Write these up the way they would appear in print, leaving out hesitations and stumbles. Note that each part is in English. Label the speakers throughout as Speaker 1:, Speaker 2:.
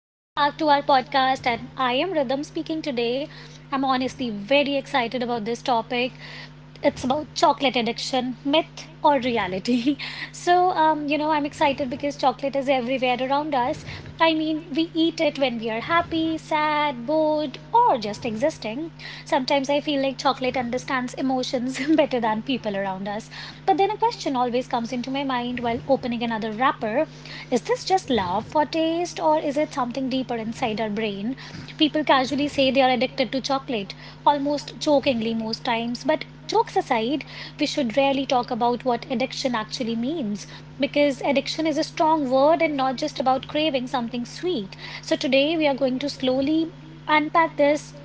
Speaker 1: Welcome back to our podcast. And I am Rhythm speaking today. I'm honestly very excited about this topic . It's about chocolate addiction, myth or reality. I'm excited because chocolate is everywhere around us. I mean, we eat it when we are happy, sad, bored, or just existing. Sometimes I feel like chocolate understands emotions better than people around us. But then a question always comes into my mind while opening another wrapper. Is this just love for taste, or is it something deeper inside our brain? People casually say they are addicted to chocolate almost jokingly most times, but jokes aside, we should rarely talk about what addiction actually means because addiction is a strong word and not just about craving something sweet. So, today we are going to slowly unpack this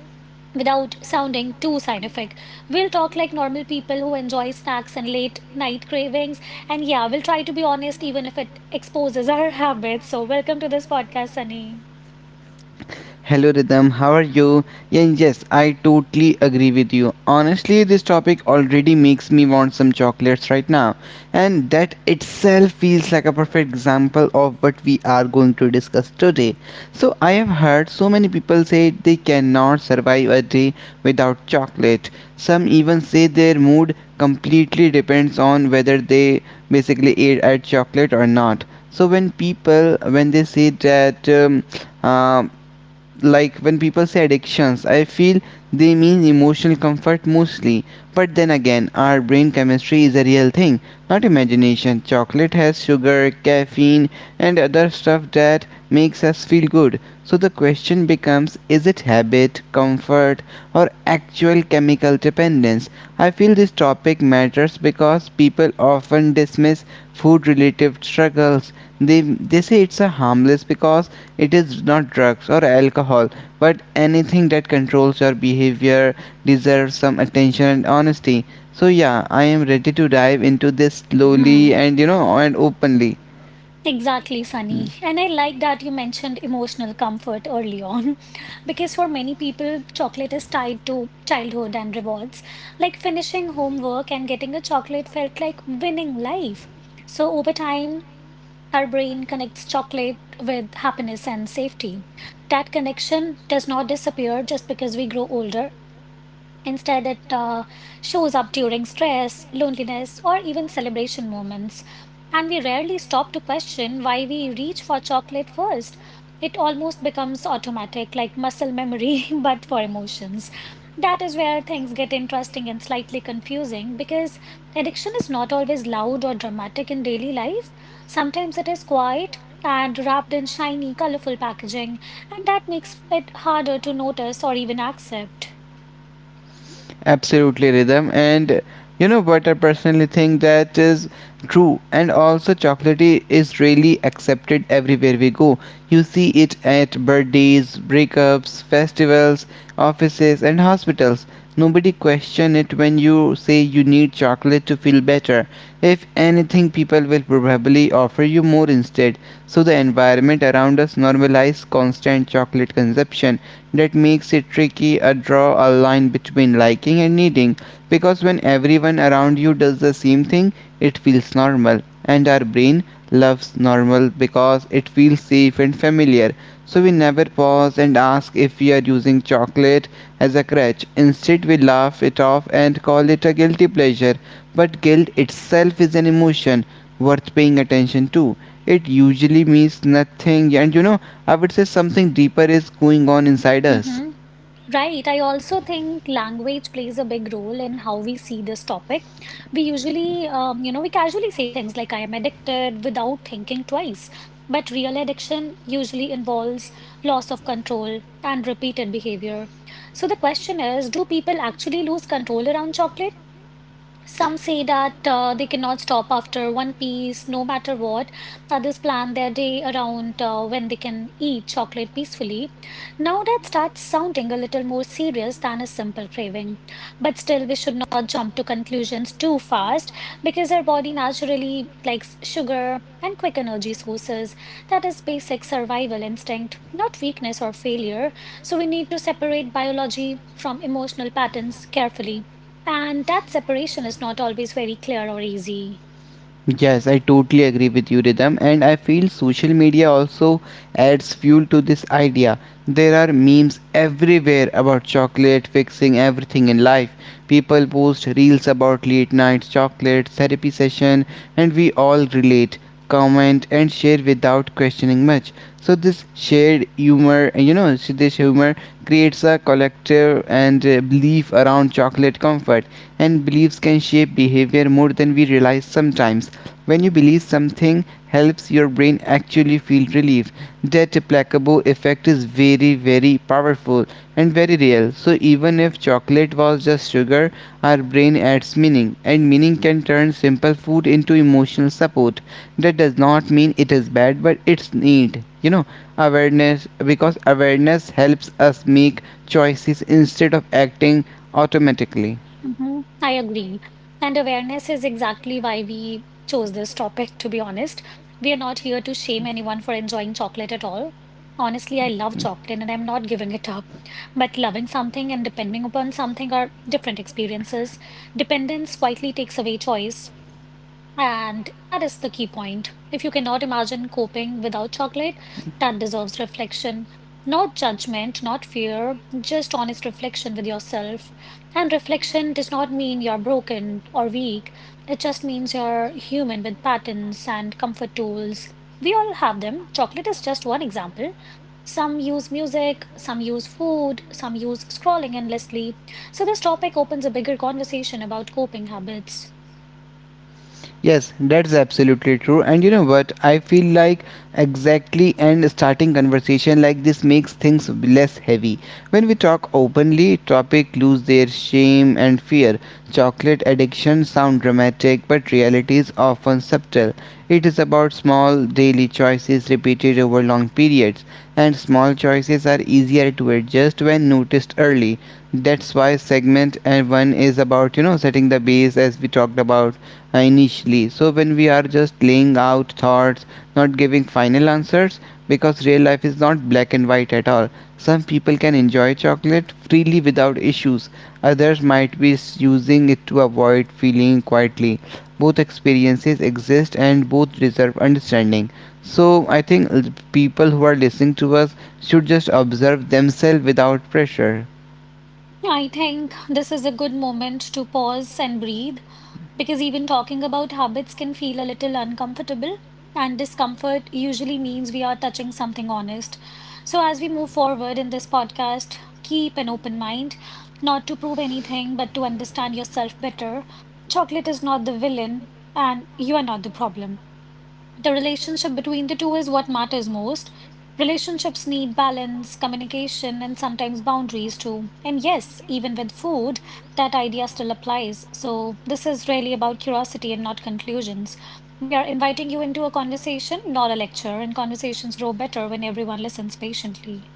Speaker 1: without sounding too scientific. We'll talk like normal people who enjoy snacks and late night cravings. And yeah, we'll try to be honest even if it exposes our habits. So, welcome to this podcast, Sunny.
Speaker 2: Hello Rhythm, how are you? Yeah, yes, I totally agree with you. Honestly, this topic already makes me want some chocolates right now, and that itself feels like a perfect example of what we are going to discuss today. So, I have heard so many people say they cannot survive a day without chocolate. Some even say their mood completely depends on whether they basically ate at chocolate or not. So when they say that uh, like, when people say addictions, I feel they mean emotional comfort mostly. But then again, our brain chemistry is a real thing, not imagination. Chocolate has sugar, caffeine, and other stuff that makes us feel good. So the question becomes, is it habit, comfort, or actual chemical dependence? I feel this topic matters because people often dismiss food related struggles. They say it's a harmless because it is not drugs or alcohol, but anything that controls your behavior deserves some attention and honesty. So yeah, I am ready to dive into this slowly and you know and openly.
Speaker 1: Exactly,
Speaker 2: Hmm.
Speaker 1: Sunny. And I like that you mentioned emotional comfort early on, because for many people, chocolate is tied to childhood and rewards. Like finishing homework and getting a chocolate felt like winning life. So over time, our brain connects chocolate with happiness and safety. That connection does not disappear just because we grow older. Instead, it shows up during stress, loneliness, or even celebration moments. And we rarely stop to question why we reach for chocolate first. It almost becomes automatic, like muscle memory, but for emotions. That is where things get interesting and slightly confusing because addiction is not always loud or dramatic in daily life. Sometimes it is quiet and wrapped in shiny, colorful packaging, and that makes it harder to notice or even accept.
Speaker 2: Absolutely, Rhythm, and you know what, I personally think that is true. And also, chocolatey is really accepted everywhere we go. You see it at birthdays, breakups, festivals, offices, and hospitals. Nobody question it when you say you need chocolate to feel better. If anything, people will probably offer you more instead. So the environment around us normalizes constant chocolate consumption. That makes it tricky to draw a line between liking and needing, because when everyone around you does the same thing, it feels normal. And our brain loves normal because it feels safe and familiar. So we never pause and ask if we are using chocolate as a crutch. Instead, we laugh it off and call it a guilty pleasure. But guilt itself is an emotion worth paying attention to. It usually means nothing, and I would say something deeper is going on inside us.
Speaker 1: Mm-hmm. Right. I also think language plays a big role in how we see this topic. We usually, you know, we casually say things like, I am addicted without thinking twice. But real addiction usually involves loss of control and repeated behavior. So the question is, do people actually lose control around chocolate? Some say that they cannot stop after one piece, no matter what. Others plan their day around when they can eat chocolate peacefully. Now that starts sounding a little more serious than a simple craving. But still, we should not jump to conclusions too fast because our body naturally likes sugar and quick energy sources. That is basic survival instinct, not weakness or failure. So we need to separate biology from emotional patterns carefully. And that separation is not always very clear or easy.
Speaker 2: Yes, I totally agree with you, Rhythm, and I feel social media also adds fuel to this idea. There are memes everywhere about chocolate fixing everything in life. People post reels about late night chocolate, therapy session, and we all relate, comment, and share without questioning much. So this shared humor, you know, so this humor creates a collective and belief around chocolate comfort, and beliefs can shape behavior more than we realize sometimes. When you believe something helps your brain actually feel relief. That placebo effect is very, very powerful and very real. So, even if chocolate was just sugar, our brain adds meaning, and meaning can turn simple food into emotional support. That does not mean it is bad, but it's need. Awareness, because awareness helps us make choices instead of acting automatically.
Speaker 1: I agree. And awareness is exactly why we chose this topic, to be honest. We are not here to shame anyone for enjoying chocolate at all. Honestly, I love chocolate and I'm not giving it up. But loving something and depending upon something are different experiences. Dependence quietly takes away choice. And that is the key point. If you cannot imagine coping without chocolate, that deserves reflection. Not judgment, not fear, just honest reflection with yourself. And reflection does not mean you're broken or weak. It just means you're human with patterns and comfort tools. We all have them. Chocolate is just one example. Some use music, some use food, some use scrolling endlessly. So, this topic opens a bigger conversation about coping habits.
Speaker 2: Yes, that's absolutely true. And you know what? I feel like exactly and starting conversation like this makes things less heavy. When we talk openly, topic lose their shame and fear. Chocolate addiction sound dramatic, but reality is often subtle. It is about small daily choices repeated over long periods, and small choices are easier to adjust when noticed early. That's why segment and one is about, setting the base as we talked about initially. So when we are just laying out thoughts, not giving final answers, because real life is not black and white at all. Some people can enjoy chocolate freely without issues. Others might be using it to avoid feeling quietly. Both experiences exist and both deserve understanding. So, I think people who are listening to us should just observe themselves without pressure.
Speaker 1: Yeah, I think this is a good moment to pause and breathe because even talking about habits can feel a little uncomfortable, and discomfort usually means we are touching something honest. So, as we move forward in this podcast, keep an open mind, not to prove anything, but to understand yourself better. Chocolate is not the villain, and you are not the problem. The relationship between the two is what matters most. Relationships need balance, communication, and sometimes boundaries too. And yes, even with food, that idea still applies. So, this is really about curiosity and not conclusions. We are inviting you into a conversation, not a lecture, and conversations grow better when everyone listens patiently.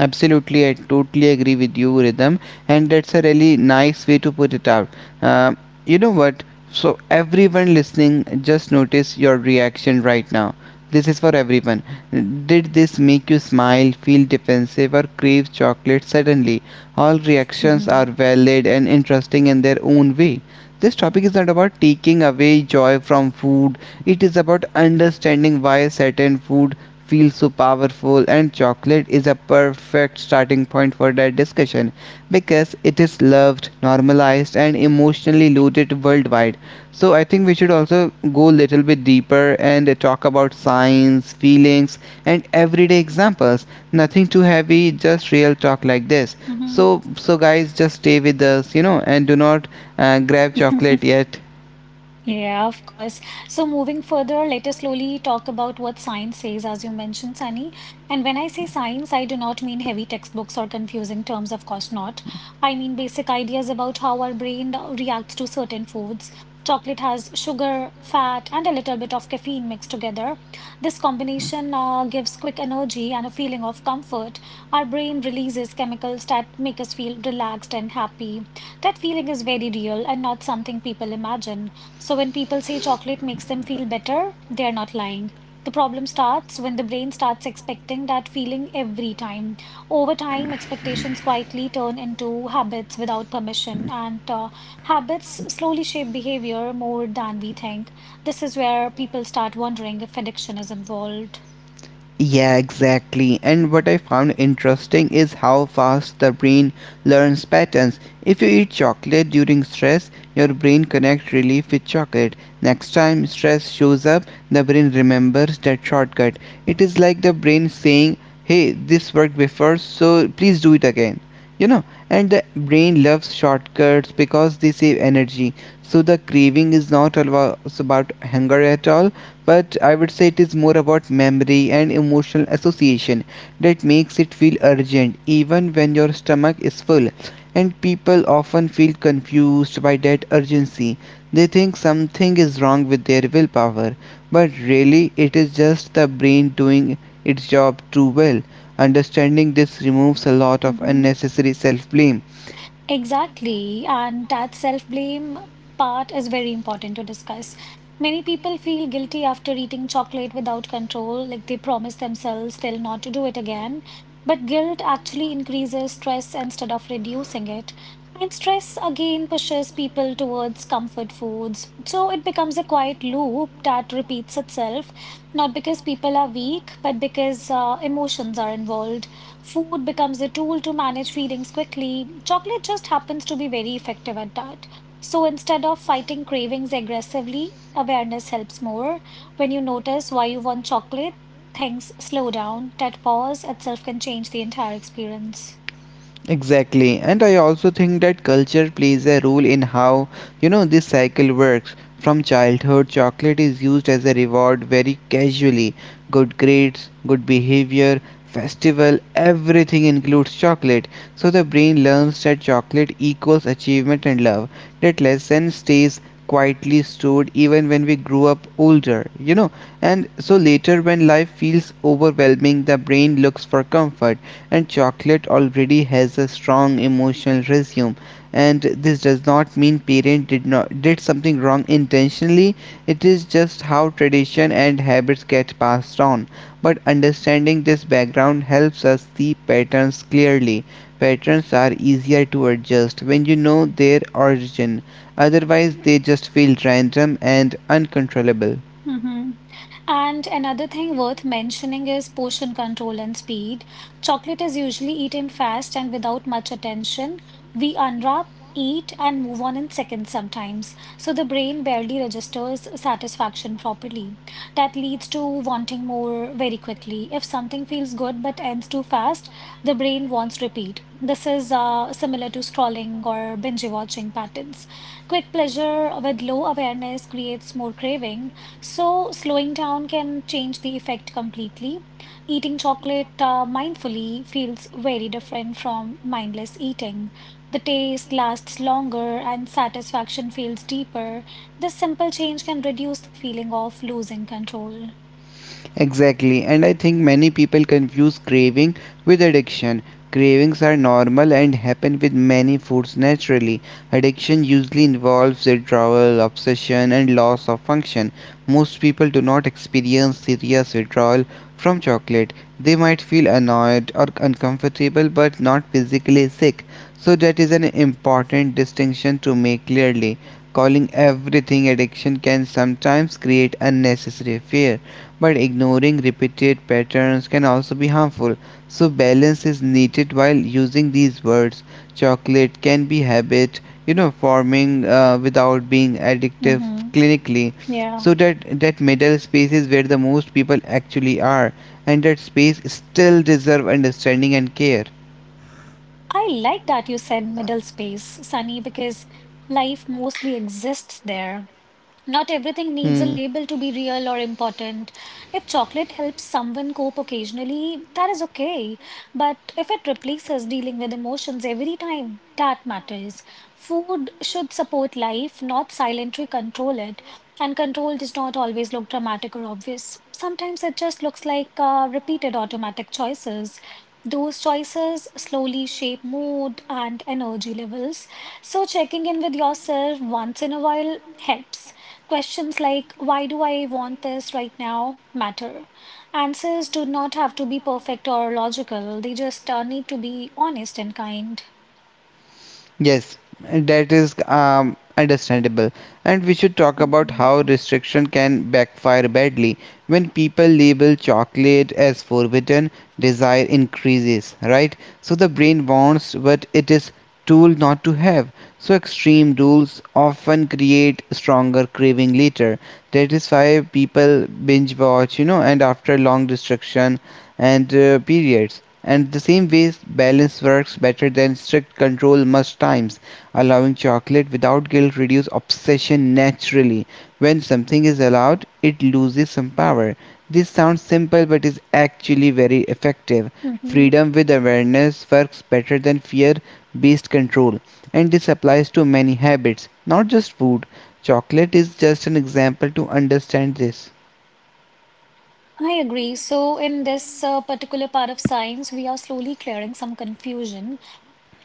Speaker 2: Absolutely, I totally agree with you, Rhythm, and that's a really nice way to put it out. Uh, you know what? So, everyone listening, just notice your reaction right now. This is for everyone. Did this make you smile, feel defensive, or crave chocolate suddenly? All reactions are
Speaker 1: hmm
Speaker 2: valid and interesting in their own way. This topic is not about taking away joy from food, it is about understanding why certain food feels so powerful, and chocolate is a perfect starting point for that discussion because it is loved, normalized, and emotionally loaded worldwide. So, I think we should also go a little bit deeper and talk about science, feelings, and everyday examples. Nothing too heavy, just real talk like this.
Speaker 1: hmm
Speaker 2: So, guys, just stay with us, and do not grab chocolate yet.
Speaker 1: Yeah, of course. So moving further, let us slowly talk about what science says, as you mentioned, Sunny. And when I say science, I do not mean heavy textbooks or confusing terms, of course not. I mean basic ideas about how our brain reacts to certain foods. Chocolate has sugar, fat, and a little bit of caffeine mixed together. This combination gives quick energy and a feeling of comfort. Our brain releases chemicals that make us feel relaxed and happy. That feeling is very real and not something people imagine. So when people say chocolate makes them feel better, they are not lying. The problem starts when the brain starts expecting that feeling every time. Over time, expectations quietly turn into habits without permission, and habits slowly shape behavior more than we think. This is where people start wondering if addiction is involved.
Speaker 2: Yeah, exactly. And what I found interesting is how fast the brain learns patterns. If you eat chocolate during stress, your brain connects relief with chocolate. Next time stress shows up, the brain remembers that shortcut. It is like the brain saying, "Hey, this worked before, so please do it again." And the brain loves shortcuts because they save energy. So the craving is not about hunger at all, but I would say it is more about memory and emotional association that makes it feel urgent even when your stomach is full. And people often feel confused by that urgency. They think something is wrong with their willpower, but really it is just the brain doing its job too well. Understanding this removes a lot of
Speaker 1: Mhm.
Speaker 2: unnecessary self blame.
Speaker 1: Exactly, and that self-blame part is very important to discuss. Many people feel guilty after eating chocolate without control, like they promise themselves they'll not to do it again. But guilt actually increases stress instead of reducing it. And stress again pushes people towards comfort foods. So it becomes a quiet loop that repeats itself, not because people are weak, but because emotions are involved. Food becomes a tool to manage feelings quickly. Chocolate just happens to be very effective at that. So instead of fighting cravings aggressively, awareness helps more. When you notice why you want chocolate, things slow down. That pause itself can change the entire experience.
Speaker 2: Exactly, and I also think that culture plays a role in how, this cycle works. From childhood, chocolate is used as a reward very casually. Good grades, good behavior, festival, everything includes chocolate. So the brain learns that chocolate equals achievement and love. That lesson stays quietly stored even when we grew up older. And so later, when life feels overwhelming, the brain looks for comfort, and chocolate already has a strong emotional resume. And this does not mean parent did not did something wrong intentionally. It is just how tradition and habits get passed on, but understanding this background helps us see patterns clearly. Patterns are easier to adjust when you know their origin, otherwise they just feel random and uncontrollable.
Speaker 1: hmm And another thing worth mentioning is portion control and speed. Chocolate is usually eaten fast and without much attention. We unwrap, eat, and move on in seconds sometimes. So the brain barely registers satisfaction properly. That leads to wanting more very quickly. If something feels good but ends too fast, the brain wants repeat. This is similar to scrolling or binge watching patterns. Quick pleasure with low awareness creates more craving so, slowing down can change the effect completely. Eating chocolate mindfully feels very different from mindless eating. The taste lasts longer and satisfaction feels deeper. This simple change can reduce the feeling of losing control.
Speaker 2: Exactly, and I think many people confuse craving with addiction. Cravings are normal and happen with many foods naturally. Addiction usually involves withdrawal, obsession, and loss of function. Most people do not experience serious withdrawal from chocolate. They might feel annoyed or uncomfortable but not physically sick. So, that is an important distinction to make clearly. Calling everything addiction can sometimes create unnecessary fear, but ignoring repeated patterns can also be harmful. So, balance is needed while using these words. Chocolate can be habit, forming without being addictive
Speaker 1: hmm
Speaker 2: clinically.
Speaker 1: Yeah.
Speaker 2: So that middle space is where the most people actually are, and that space still deserve understanding and care.
Speaker 1: I like that you said middle space, Sunny, because life mostly exists there. Not everything needs a label to be real or important. If chocolate helps someone cope occasionally, that is okay. But if it replaces dealing with emotions every time, that matters. Food should support life, not silently control it. And control does not always look dramatic or obvious. Sometimes it just looks like repeated automatic choices. Those choices slowly shape mood and energy levels. So, checking in with yourself once in a while helps. Questions like, why do I want this right now, matter. Answers do not have to be perfect or logical, they just need to be honest and kind.
Speaker 2: Yes, that is understandable. And we should talk about
Speaker 1: hmm
Speaker 2: how restriction can backfire badly. When people label chocolate as forbidden, desire increases, right? So the brain wants what it is told not to have. So extreme rules often create stronger craving later. That is why people binge watch, and after long restriction and periods, and the same way, balance works better than strict control most times. Allowing chocolate without guilt reduces obsession naturally. When something is allowed, it loses some power. This sounds simple but is actually very effective.
Speaker 1: hmm
Speaker 2: Freedom with awareness works better than fear based control, and this applies to many habits, not just food. Chocolate is just an example to understand this.
Speaker 1: I agree. So, in this particular part of science, we are slowly clearing some confusion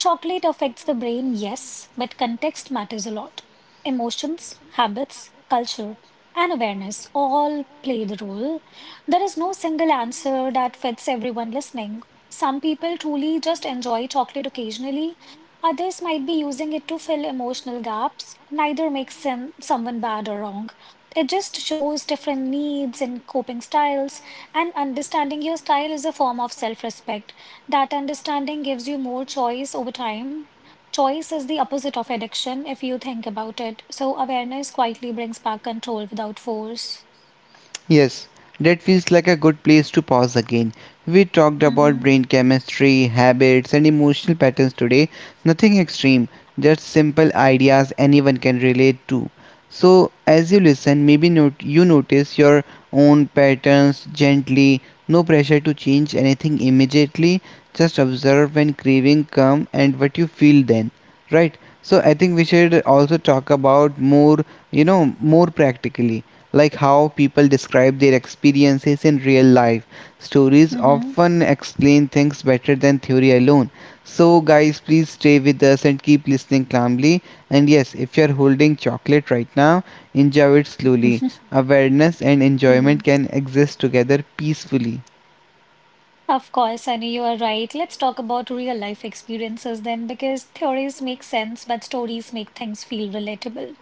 Speaker 1: . Chocolate affects the brain, yes, but context matters a lot. Emotions, habits, culture, and awareness all play the role. There is no single answer that fits everyone listening. Some people truly just enjoy chocolate occasionally. Others might be using it to fill emotional gaps. Neither makes someone bad or wrong. It just shows different needs and coping styles, and understanding your style is a form of self respect. That understanding gives you more choice over time. Choice is the opposite of addiction if you think about it. So awareness quietly brings back control without force.
Speaker 2: Yes, that feels like a good place to pause again. We talked about
Speaker 1: Mm-hmm.
Speaker 2: brain chemistry, habits, and emotional patterns today. Nothing extreme, just simple ideas anyone can relate to. So, as you listen, maybe you notice your own patterns gently. No pressure to change anything immediately. Just observe when craving come and what you feel then. Right? So, I think we should also talk about you know, more practically, like how people describe their experiences in real life. Stories
Speaker 1: Mm-hmm.
Speaker 2: often explain things better than theory alone. So, guys, please stay with us and keep listening calmly. And yes, if you're holding chocolate right now, enjoy it slowly. Awareness and
Speaker 1: Yeah.
Speaker 2: enjoyment can exist together peacefully.
Speaker 1: Of course, Sunny, you are right. Let's talk about real life experiences then, because theories make sense, but stories make things feel relatable.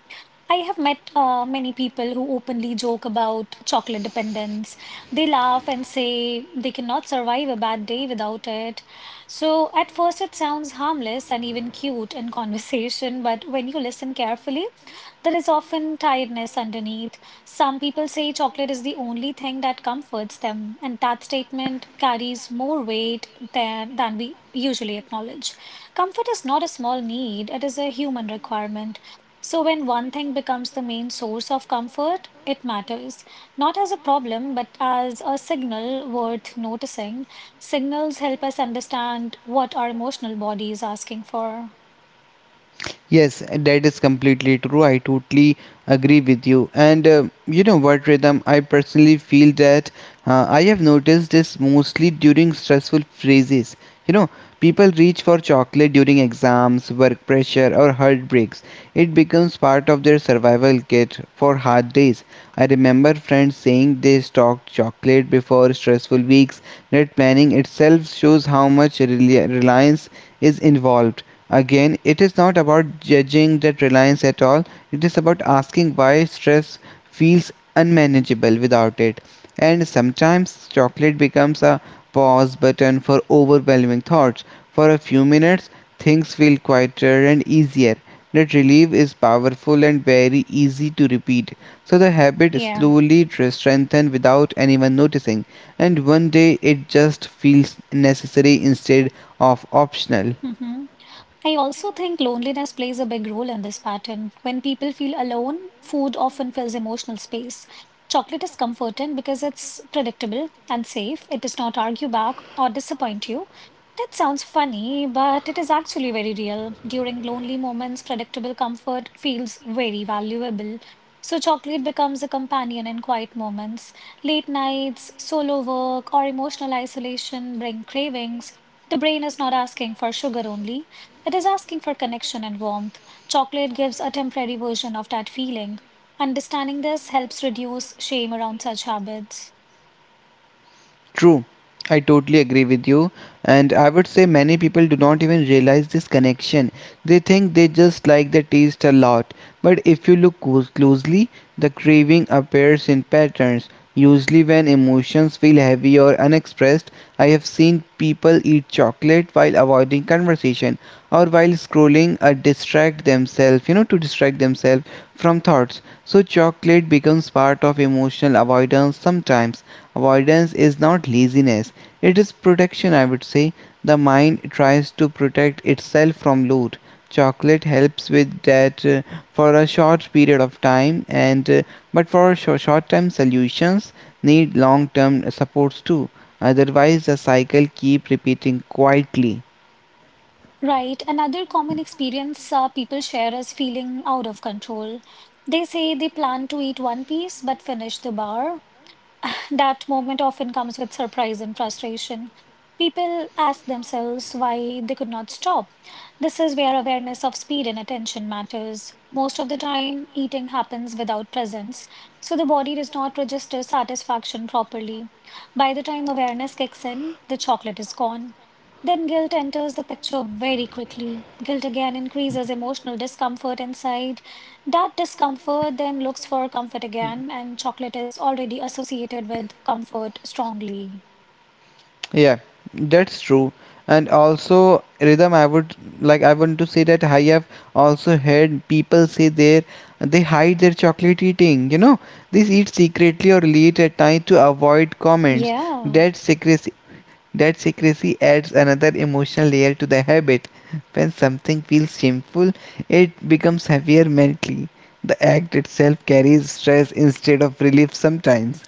Speaker 1: I have met many people who openly joke about chocolate dependence. They laugh and say they cannot survive a bad day without it. So, at first, it sounds harmless and even cute in conversation, but when you listen carefully, there is often tiredness underneath. Some people say chocolate is the only thing that comforts them, and that statement carries more weight than we usually acknowledge. Comfort is not a small need, it is a human requirement. So, when one thing becomes the main source of comfort, it matters. Not as a problem, but as a signal worth noticing. Signals help us understand what our emotional body is asking for.
Speaker 2: Yes, that is completely true. I totally agree with you. And you know what, Rhythm? I personally feel that I have noticed this mostly during stressful phases. You know, People reach for chocolate during exams, work pressure, or heartbreaks. It becomes part of their survival kit for hard days. I remember friends saying they stocked chocolate before stressful weeks. That planning itself shows how much reliance is involved. Again, it is not about judging that reliance at all, it is about asking why stress feels unmanageable without it. And sometimes chocolate becomes a pause button for overwhelming thoughts. For a few minutes, things feel quieter and easier. That relief is powerful and very easy to repeat. So the habit
Speaker 1: Yeah.
Speaker 2: slowly strengthens without anyone noticing, and one day it just feels necessary instead of optional.
Speaker 1: hmm I also think loneliness plays a big role in this pattern. When people feel alone, food often fills emotional space. Chocolate is comforting because it's predictable and safe. It does not argue back or disappoint you. That sounds funny, but it is actually very real. During lonely moments, predictable comfort feels very valuable. So, chocolate becomes a companion in quiet moments. Late nights, solo work, or emotional isolation bring cravings. The brain is not asking for sugar only. It is asking for connection and warmth. Chocolate gives a temporary version of that feeling. Understanding this helps reduce shame around such habits.
Speaker 2: True, I totally agree with you, and I would say many people do not even realize this connection. They think they just like the taste a lot, but if you look closely, the craving appears in patterns. Usually, when emotions feel heavy or unexpressed, I have seen people eat chocolate while avoiding conversation or while scrolling or distract themselves, to distract themselves from thoughts. So, chocolate becomes part of emotional avoidance. Sometimes avoidance is not laziness, it is protection, I would say. The mind tries to protect itself from loot. Chocolate helps with that for a short period of time, and but for short term solutions need long term supports too, otherwise the cycle keep repeating quietly.
Speaker 1: Right, another common experience, people share is feeling out of control. They say they plan to eat one piece but finish the bar. That moment often comes with surprise and frustration. People ask themselves why they could not stop. This is where awareness of speed and attention matters. Most of the time, eating happens without presence, so the body does not register satisfaction properly. By the time awareness kicks in, the chocolate is gone. Then guilt enters the picture very quickly. Guilt again increases emotional discomfort inside. That discomfort then looks for comfort again, and chocolate is already associated with comfort strongly.
Speaker 2: Yeah, that's true. And also rhythm, I would like I want to say that I have also heard people say they hide their chocolate eating, you know. These eat secretly or late at night to avoid comments.
Speaker 1: Yeah.
Speaker 2: That secrecy that secrecy adds another emotional layer to the habit. When something feels shameful, it becomes heavier mentally. The act itself carries stress instead of relief sometimes.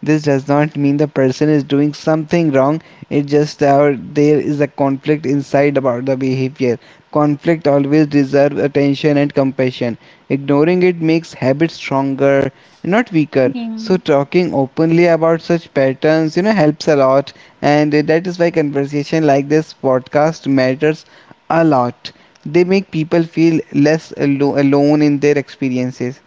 Speaker 2: This does not mean the person is doing something wrong. It just our There is a conflict inside about the behavior. Conflict always deserves attention and compassion. Ignoring it makes habits stronger, not weaker. So
Speaker 1: Mm.
Speaker 2: talking openly about such patterns, you know, helps a lot, and that is why conversation like this podcast matters a lot. They make people feel less alone in their experiences.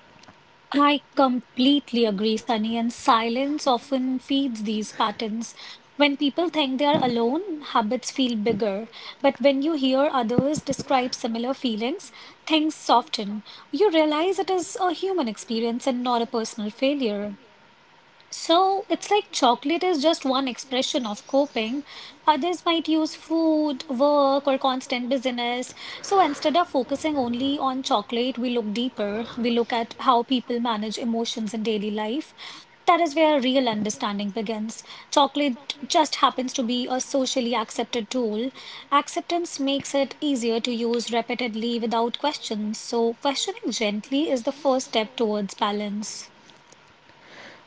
Speaker 1: I completely agree, Sunny, and silence often feeds these patterns. When people think they are alone, habits feel bigger. But when you hear others describe similar feelings, things soften. You realize it is a human experience and not a personal failure. So it's like chocolate is just one expression of coping. Others might use food, work, or constant busyness. So instead of focusing only on chocolate, we look deeper. We look at how people manage emotions in daily life. That is where real understanding begins. Chocolate just happens to be a socially accepted tool. Acceptance makes it easier to use repeatedly without questions. So questioning gently is the first step towards balance.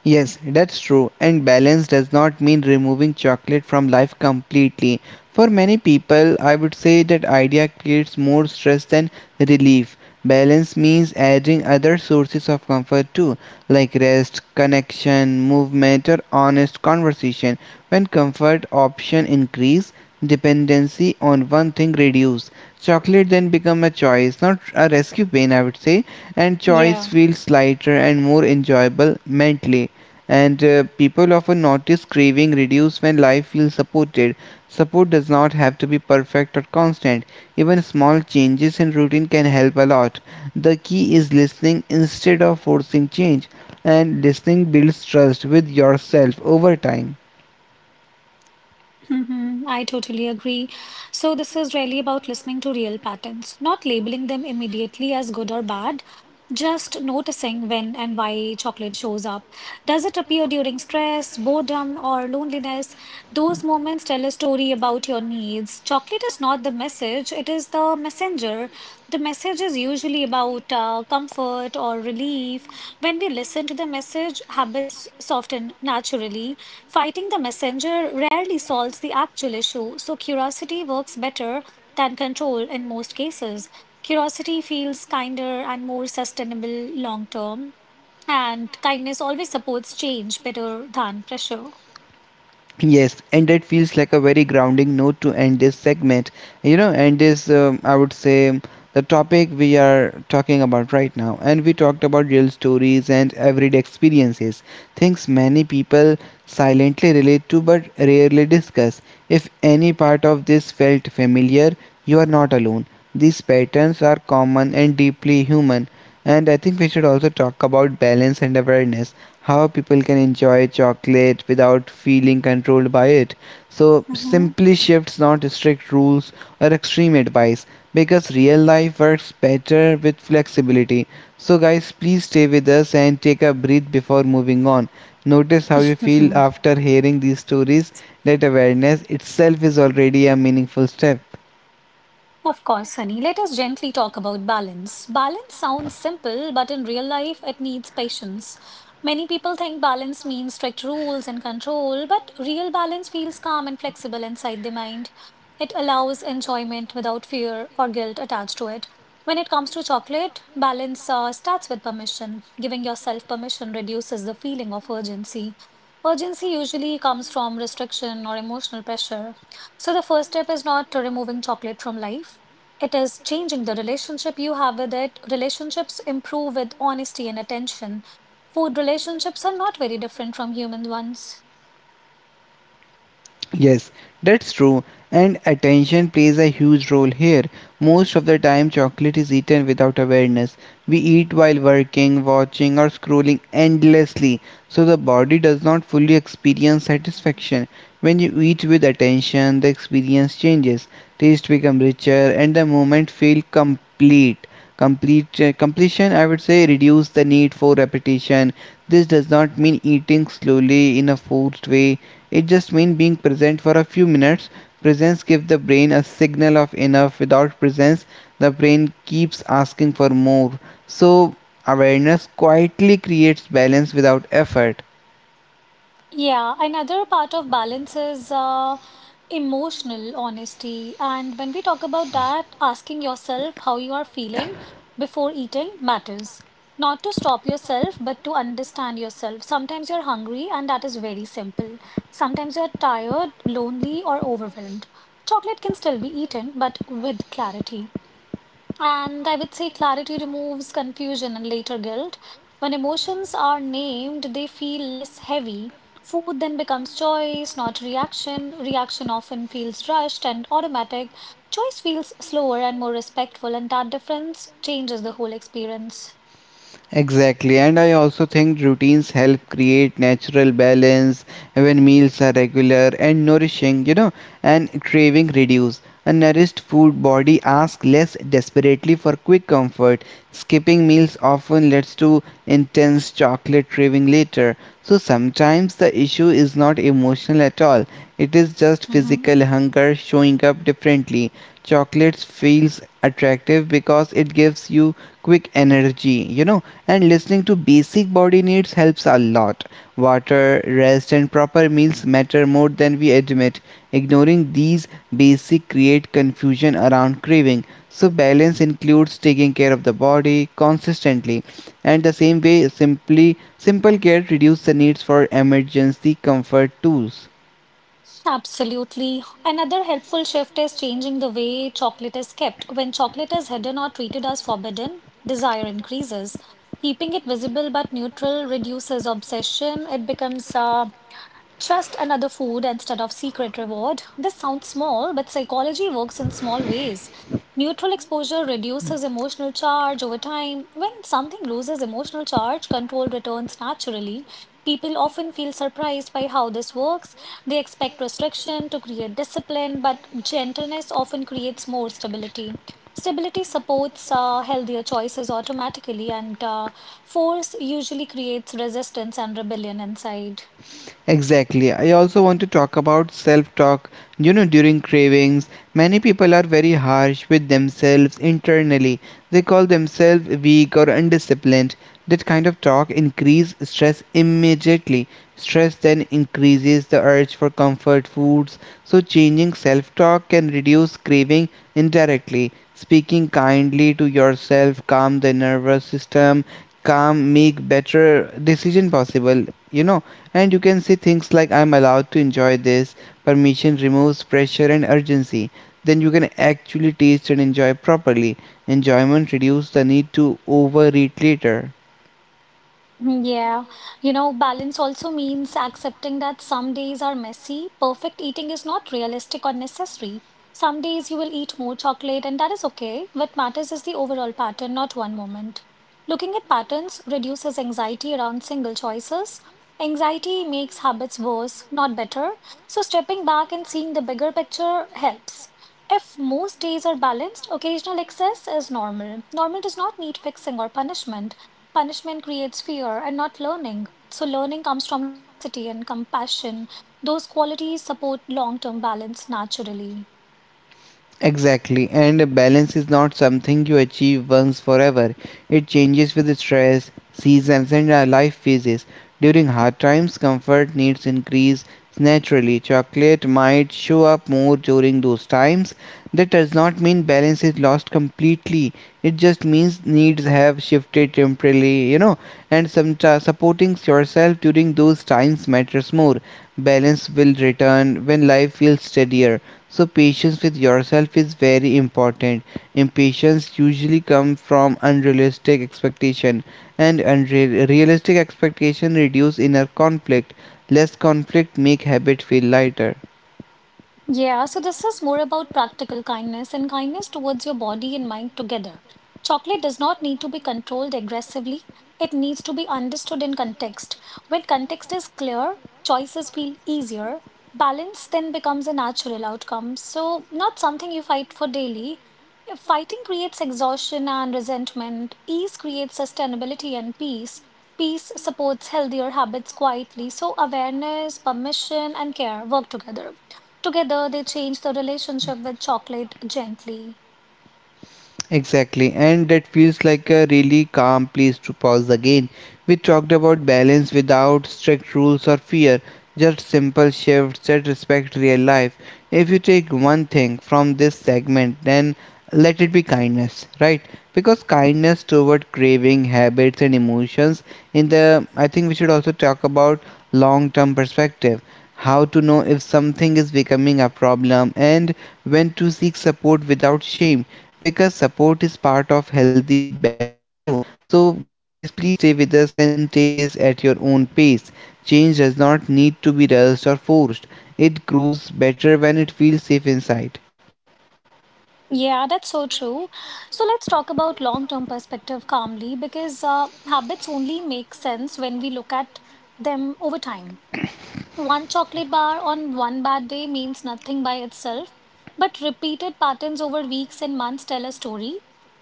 Speaker 2: Yes, that's true. And balance does not mean removing chocolate from life completely. For many people, I would say that idea creates more stress than relief. Balance means adding other sources of comfort too, like rest, connection, movement, or honest conversation. When comfort option increase, dependency on one thing reduce. Chocolate then become a choice, not a rescue pain, I would say, and choice
Speaker 1: Yeah.
Speaker 2: feels lighter and more enjoyable mentally, and people often notice craving reduce when life feels supported. Support does not have to be perfect or constant. Even small changes in routine can help a lot. The key is listening instead of forcing change, and listening builds trust with yourself over time.
Speaker 1: Mhm, I totally agree. So, this is really about listening to real patterns, not labeling them immediately as good or bad, just noticing when and why chocolate shows up. Does it appear during stress, boredom, or loneliness? Those moments tell a story about your needs. Chocolate is not the message, it is the messenger. The message is usually about comfort or relief. When we listen to the message, habits soften naturally. Fighting the messenger rarely solves the actual issue, so curiosity works better than control in most cases. Curiosity feels kinder and more sustainable long term, and kindness always supports change better than pressure.
Speaker 2: Yes, and that feels like a very grounding note to end this segment. You know, and this, I would say, the topic we are talking about right now. And we talked about real stories and everyday experiences, things many people silently relate to but rarely discuss. If any part of this felt familiar, you are not alone. These patterns are common and deeply human. And I think we should also talk about balance and awareness, how people can enjoy chocolate without feeling controlled by it. So,
Speaker 1: Mhm.
Speaker 2: simply shifts, not strict rules or extreme advice, because real life works better with flexibility. So, guys, please stay with us and take a breath before moving on. Notice how you feel after hearing these stories, that awareness itself is already a meaningful step.
Speaker 1: Of course, honey, let us gently talk about balance. Balance sounds simple, but in real life, it needs patience. Many people think balance means strict rules and control, but real balance feels calm and flexible inside the mind. It allows enjoyment without fear or guilt attached to it. When it comes to chocolate, balance starts with permission. Giving yourself permission reduces the feeling of urgency. Urgency usually comes from restriction or emotional pressure. So the first step is not removing chocolate from life. It is changing the relationship you have with it. Relationships improve with honesty and attention. Food relationships are not very different from human ones.
Speaker 2: Yes, that's true. And attention plays a huge role here. Most of the time, chocolate is eaten without awareness. We eat while working, watching, or scrolling endlessly, so the body does not fully experience satisfaction. When you eat with attention, the experience changes. Taste becomes richer, and the moment feels complete. Completion, I would say, reduce the need for repetition. This does not mean eating slowly in a forced way, it just means being present for a few minutes. Presence gives the brain a signal of enough. Without presence, the brain keeps asking for more. So, awareness quietly creates balance without effort.
Speaker 1: Yeah, another part of balance is emotional honesty. And when we talk about that, asking yourself how you are feeling before eating matters. Not to stop yourself, but to understand yourself. Sometimes you're hungry, and that is very simple. Sometimes you're tired, lonely, or overwhelmed. Chocolate can still be eaten, but with clarity. And I would say clarity removes confusion and later guilt. When emotions are named, they feel less heavy. Food then becomes choice, not reaction. Reaction often feels rushed and automatic. Choice feels slower and more respectful, and that difference changes the whole experience.
Speaker 2: Exactly, and I also think routines help create natural balance when meals are regular and nourishing, you know, and craving reduce. A nourished food body asks less desperately for quick comfort. Skipping meals often leads to intense chocolate craving later. So sometimes the issue is not emotional at all. It is just
Speaker 1: Hmm.
Speaker 2: physical hunger showing up differently. Chocolate feels attractive because it gives you quick energy, you know, and listening to basic body needs helps a lot. Water, rest, and proper meals matter more than we admit. Ignoring these basic create confusion around craving. So balance includes taking care of the body consistently, and the same way simply simple care reduces the needs for emergency comfort tools.
Speaker 1: Absolutely. Another helpful shift is changing the way chocolate is kept. When chocolate is hidden or treated as forbidden, desire increases. Keeping it visible but neutral reduces obsession. It becomes just another food instead of secret reward. This sounds small, but psychology works in small ways. Neutral exposure reduces emotional charge over time. When something loses emotional charge, control returns naturally. People often feel surprised by how this works. They expect restriction to create discipline, but gentleness often creates more stability. Stability supports healthier choices automatically, and force usually creates resistance and rebellion inside.
Speaker 2: Exactly. I also want to talk about self talk. You know, during cravings, many people are very harsh with themselves internally. They call themselves weak or undisciplined. That kind of talk increases stress immediately. Stress then increases the urge for comfort foods. So, changing self talk can reduce craving indirectly. Speaking kindly to yourself, calm the nervous system, calm, make better decision possible. You know, and you can say things like, I'm allowed to enjoy this. Permission removes pressure and urgency, then you can actually taste and enjoy properly. Enjoyment reduces the need to overeat later.
Speaker 1: Mm, yeah, you know, balance also means accepting that some days are messy. Perfect eating is not realistic or necessary. Some days you will eat more chocolate, and that is okay. What matters is the overall pattern, not one moment. Looking at patterns reduces anxiety around single choices. Anxiety makes habits worse, not better. So, stepping back and seeing the bigger picture helps. If most days are balanced, occasional excess is normal. Normal does not need fixing or punishment. Punishment creates fear and not learning. So, learning comes from curiosity and compassion. Those qualities support long term balance naturally.
Speaker 2: Exactly, and balance is not something you achieve once forever. It changes with stress, seasons, and life phases. During hard times, comfort needs increase naturally. Chocolate might show up more during those times. That does not mean balance is lost completely. It just means needs have shifted temporarily, you know, and some supporting yourself during those times matters more. Balance will return when life feels steadier. So patience with yourself is very important. Impatience usually comes from unrealistic expectation, and unreal realistic expectation reduce inner conflict. Less conflict make habit feel lighter.
Speaker 1: Yeah, so this is more about practical kindness and kindness towards your body and mind together. Chocolate does not need to be controlled aggressively, it needs to be understood in context. When context is clear, choices feel easier. Balance then becomes a natural outcome, so not something you fight for daily. If fighting creates exhaustion and resentment, ease creates sustainability and peace. Peace supports healthier habits quietly, so awareness, permission, and care work together. Together, they change the relationship with chocolate gently.
Speaker 2: Exactly, and that feels like a really calm place to pause again. We talked about balance without strict rules or fear, just simple shifts that respect real life. If you take one thing from this segment, then let it be kindness, right? Because kindness toward craving, habits, and emotions. In the, I think we should also talk about long term perspective, how to know if something is becoming a problem and when to seek support without shame, because support is part of healthy balance too. So, guys, please stay with us and take this at your own pace. Change does not need to be rushed or forced. It grows better when it feels safe inside.
Speaker 1: Yeah, that's so true. So let's talk about long-term perspective calmly because habits only make sense when we look at them over time. One chocolate bar on one bad day means nothing by itself, but repeated patterns over weeks and months tell a story.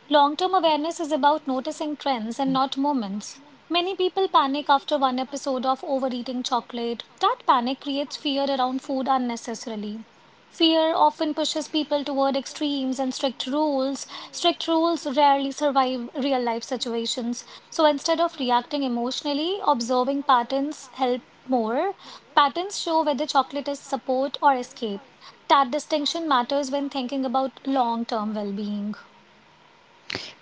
Speaker 1: Long term awareness is about noticing trends and not moments. Many people panic after one episode of overeating chocolate. That panic creates fear around food unnecessarily. Fear often pushes people toward extremes and strict rules. Strict rules rarely survive real life situations. So instead of reacting emotionally, observing patterns help more. Patterns show whether chocolate is support or escape. That distinction matters when thinking about long term well being.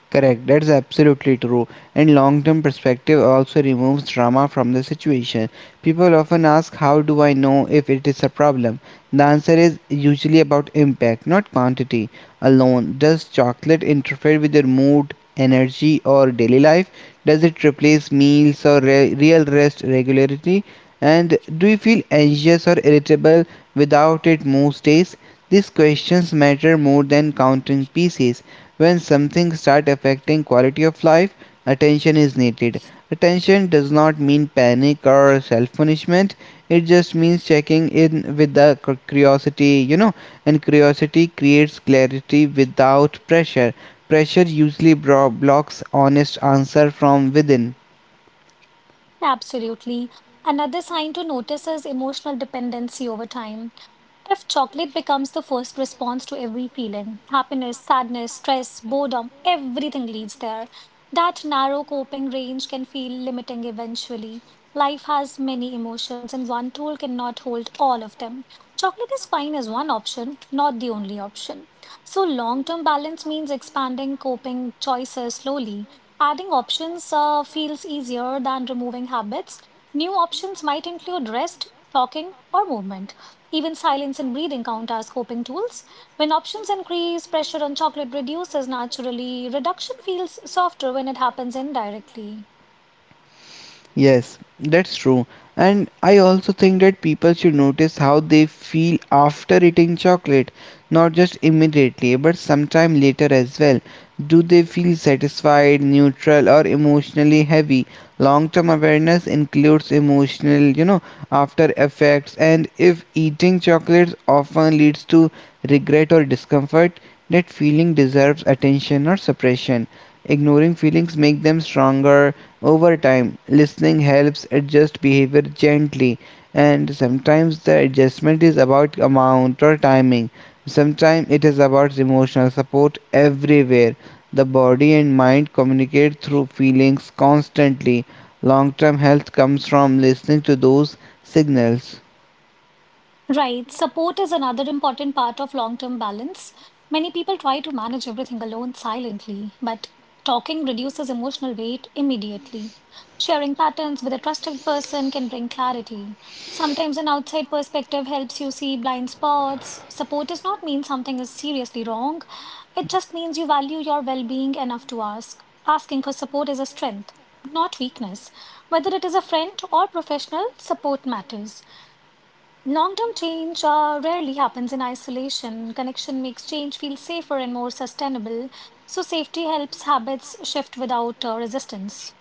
Speaker 2: Correct, that's absolutely true. And long term perspective also removes drama from the situation. People often ask, how do I know if it is a problem? The answer is usually about impact, not quantity alone. Does chocolate interfere with your mood, energy, or daily life? Does it replace meals or real rest regularly? And do you feel anxious or irritable without it most days? These questions matter more than counting pieces. When something start affecting quality of life, attention is needed. Attention does not mean panic or self punishment, it just means checking in with the curiosity, you know, and curiosity creates clarity without pressure. Pressure usually blocks honest answer from within.
Speaker 1: Absolutely. Another sign to notice is emotional dependency over time. If chocolate becomes the first response to every feeling, happiness, sadness, stress, boredom, everything leads there. That narrow coping range can feel limiting eventually. Life has many emotions, and one tool cannot hold all of them. Chocolate is fine as one option, not the only option. So, long term balance means expanding coping choices slowly. Adding options feels easier than removing habits. New options might include rest, talking, or movement. Even silence and breathing count as coping tools. When options increase, pressure on chocolate reduces naturally. Reduction feels softer when it happens indirectly.
Speaker 2: Yes, that's true. And I also think that people should notice how they feel after eating chocolate, not just immediately, but sometime later as well. Do they feel satisfied, neutral, or emotionally heavy? Long term awareness includes emotional, you know, after effects, and if eating chocolates often leads to regret or discomfort, that feeling deserves attention or suppression. Ignoring feelings make them stronger over time, listening helps adjust behavior gently, and sometimes the adjustment is about amount or timing. Sometimes it is about emotional support everywhere. The body and mind communicate through feelings constantly. Long term health comes from listening to those signals.
Speaker 1: Right. Support is another important part of long-term balance. Many people try to manage everything alone silently, but talking reduces emotional weight immediately. Sharing patterns with a trusted person can bring clarity. Sometimes an outside perspective helps you see blind spots. Support does not mean something is seriously wrong. It just means you value your well-being enough to ask. Asking for support is a strength, not weakness. Whether it is a friend or professional, support matters. Long-term change rarely happens in isolation. Connection makes change feel safer and more sustainable. So safety helps habits shift without resistance.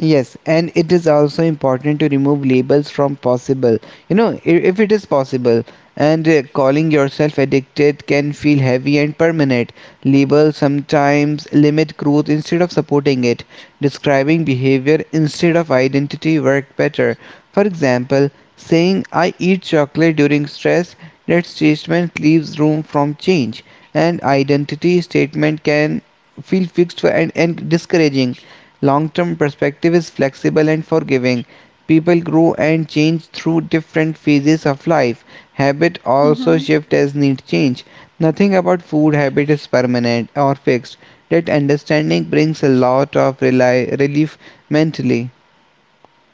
Speaker 2: Yes, and it is also important to remove labels from possible. You know, if it is possible, and calling yourself addicted can feel heavy and permanent. Labels sometimes limit growth instead of supporting it. Describing behavior instead of identity work better. For example, saying I eat chocolate during stress, that statement leaves room from change, and identity statement can feel fixed and discouraging. Long term perspective is flexible and forgiving. People grow and change through different phases of life. Habit also
Speaker 1: Mhm.
Speaker 2: shift as need change. Nothing about food habit is permanent or fixed. That understanding brings a lot of relief mentally.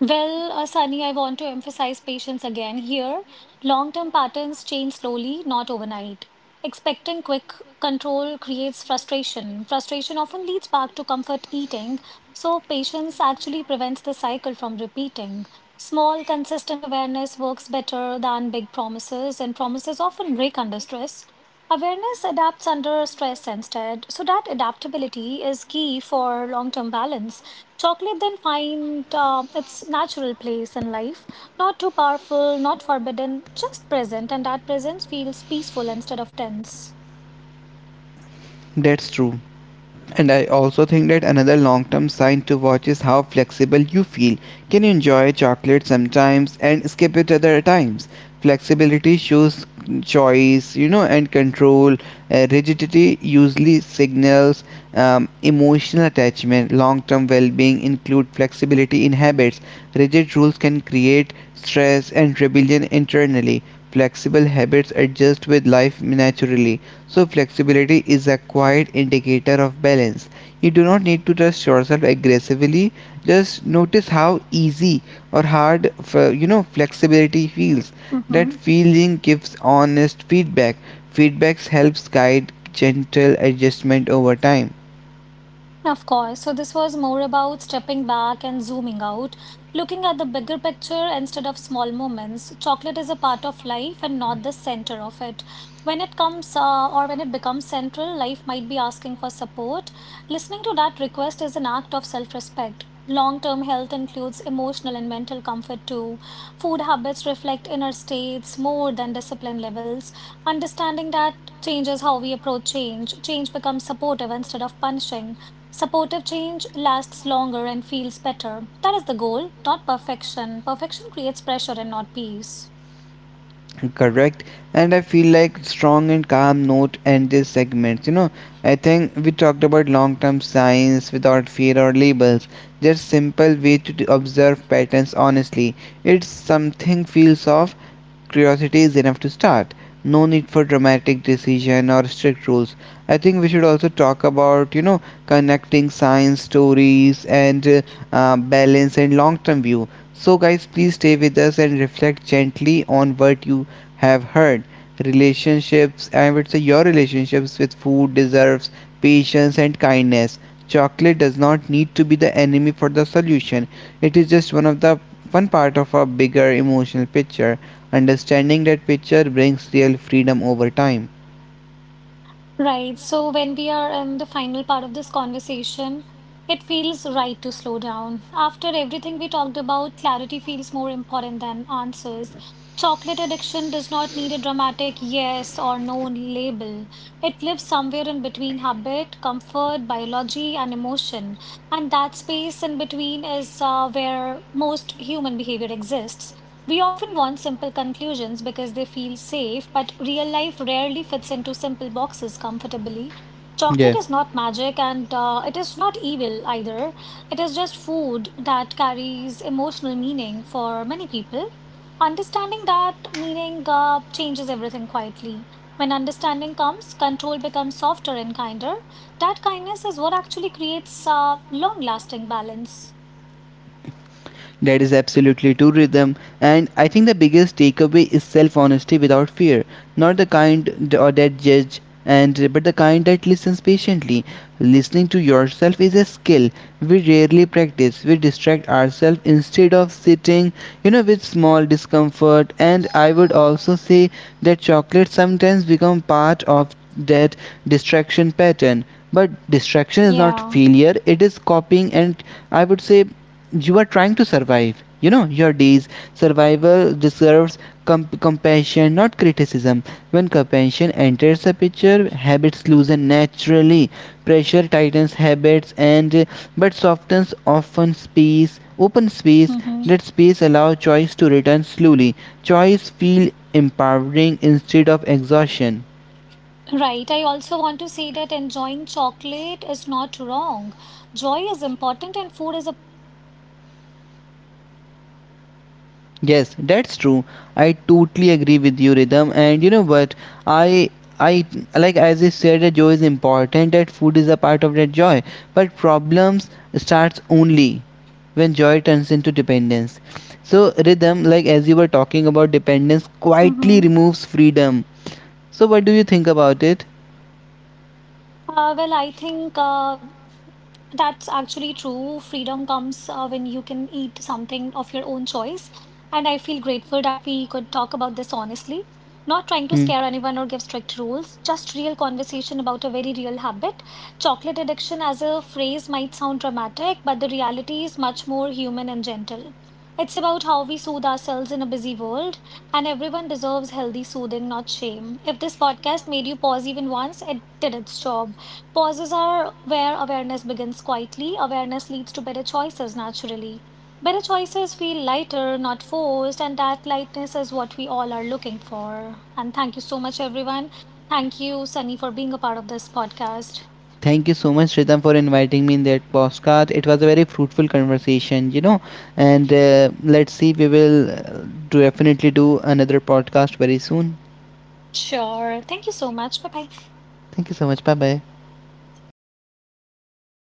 Speaker 1: Well, Sunny, I want to emphasize patience again here. Long-term patterns change slowly, not overnight. Expecting quick control creates frustration. Frustration often leads back to comfort eating, so patience actually prevents the cycle from repeating. Small, consistent awareness works better than big promises, and promises often break under stress. Awareness adapts under stress instead, so that adaptability is key for long-term balance. Chocolate then find its natural place in life, not too powerful, not forbidden, just present, and that presence feels peaceful instead of tense.
Speaker 2: That's true. And I also think that another long term sign to watch is how flexible you feel. Can you enjoy chocolate sometimes and skip it other times? Flexibility shows choice, you know, and control. Rigidity usually signals emotional attachment. Long term well being include flexibility in habits. Rigid rules can create stress and rebellion internally. Flexible habits adjust with life naturally, so flexibility is a quiet indicator of balance. You do not need to trust yourself aggressively, just notice how easy or hard you know flexibility feels. That feeling gives honest feedback. Feedbacks helps guide gentle adjustment over time.
Speaker 1: Of course. So this was more about stepping back and zooming out, looking at the bigger picture instead of small moments. Chocolate is a part of life and not the center of it. When it comes or when it becomes central, life might be asking for support. Listening to that request is an act of self-respect. Long-term health includes emotional and mental comfort too. Food habits reflect inner states more than discipline levels. Understanding that changes how we approach change. Change becomes supportive instead of punishing. Supportive change lasts longer and feels better. That is the goal, not perfection. Perfection creates pressure and not peace.
Speaker 2: Correct, and I feel like strong and calm note and this segment, you know, I think we talked about long-term science without fear or labels, just simple way to observe patterns honestly. It's something feels off, curiosity is enough to start. No need for dramatic decision or strict rules. I think we should also talk about, you know, connecting science stories and balance and long term view. So, guys, please stay with us and reflect gently on what you have heard. Relationships, I would say your relationships with food deserves patience and kindness. Chocolate does not need to be the enemy for the solution. It is just one of the one part of a bigger emotional picture. Understanding that picture brings real freedom over time.
Speaker 1: Right. So when we are in the final part of this conversation, it feels right to slow down. After everything we talked about, clarity feels more important than answers. Chocolate addiction does not need a dramatic yes or no label. It lives somewhere in between habit, comfort, biology, and emotion. And that space in between is where most human behavior exists. We often want simple conclusions because they feel safe, but real life rarely fits into simple boxes comfortably.
Speaker 2: Yeah.
Speaker 1: Chocolate is not magic and it is not evil either. It is just food that carries emotional meaning for many people. Understanding that meaning changes everything quietly. When understanding comes, control becomes softer and kinder. That kindness is what actually creates long lasting balance.
Speaker 2: That is absolutely true, Rhythm. And I think the biggest takeaway is self honesty without fear. Not the kind or that judge and but the kind that listens patiently. Listening to yourself is a skill we rarely practice. We distract ourselves instead of sitting, you know, with small discomfort. And I would also say that chocolate sometimes become part of that distraction pattern. But distraction is not
Speaker 1: Yeah.
Speaker 2: failure, it is copying, and I would say you are trying to survive, you know, your days. Survival deserves compassion, not criticism. When compassion enters the picture, habits loosen naturally. Pressure tightens habits and but softens often space open space.
Speaker 1: Mm-hmm.
Speaker 2: That space allows choice to return slowly. Choice feel empowering instead of exhaustion.
Speaker 1: Right. I also want to say that enjoying chocolate is not wrong. Joy is important and food is a
Speaker 2: Yes, that's true. I totally agree with you, Rhythm. And you know what? I I like as you said that joy is important, that food is a part of that joy. But problems starts only when joy turns into dependence. So Rhythm, like as you were talking about dependence, quietly
Speaker 3: Mm-hmm.
Speaker 2: removes freedom. So what do you think about it?
Speaker 3: I think that's actually true. Freedom comes when you can eat something of your own choice. And I feel grateful that we could talk about this honestly. Not trying to
Speaker 2: Hmm.
Speaker 3: scare anyone or give strict rules, just real conversation about a very real habit. Chocolate addiction as a phrase might sound dramatic, but the reality is much more human and gentle. It's about how we soothe ourselves in a busy world, and everyone deserves healthy soothing, not shame. If this podcast made you pause even once, it did its job. Pauses are where awareness begins quietly. Awareness leads to better choices naturally. Better choices feel lighter, not forced, and that lightness is what we all are looking for. And thank you so much, everyone. Thank you, Sunny, for being a part of this podcast.
Speaker 2: Thank you so much, Shritam, for inviting me in that postcard. It was a very fruitful conversation, you know. And let's see, we will definitely do another podcast very soon.
Speaker 3: Sure. Thank you so much. Bye
Speaker 2: Thank you so much. Bye bye.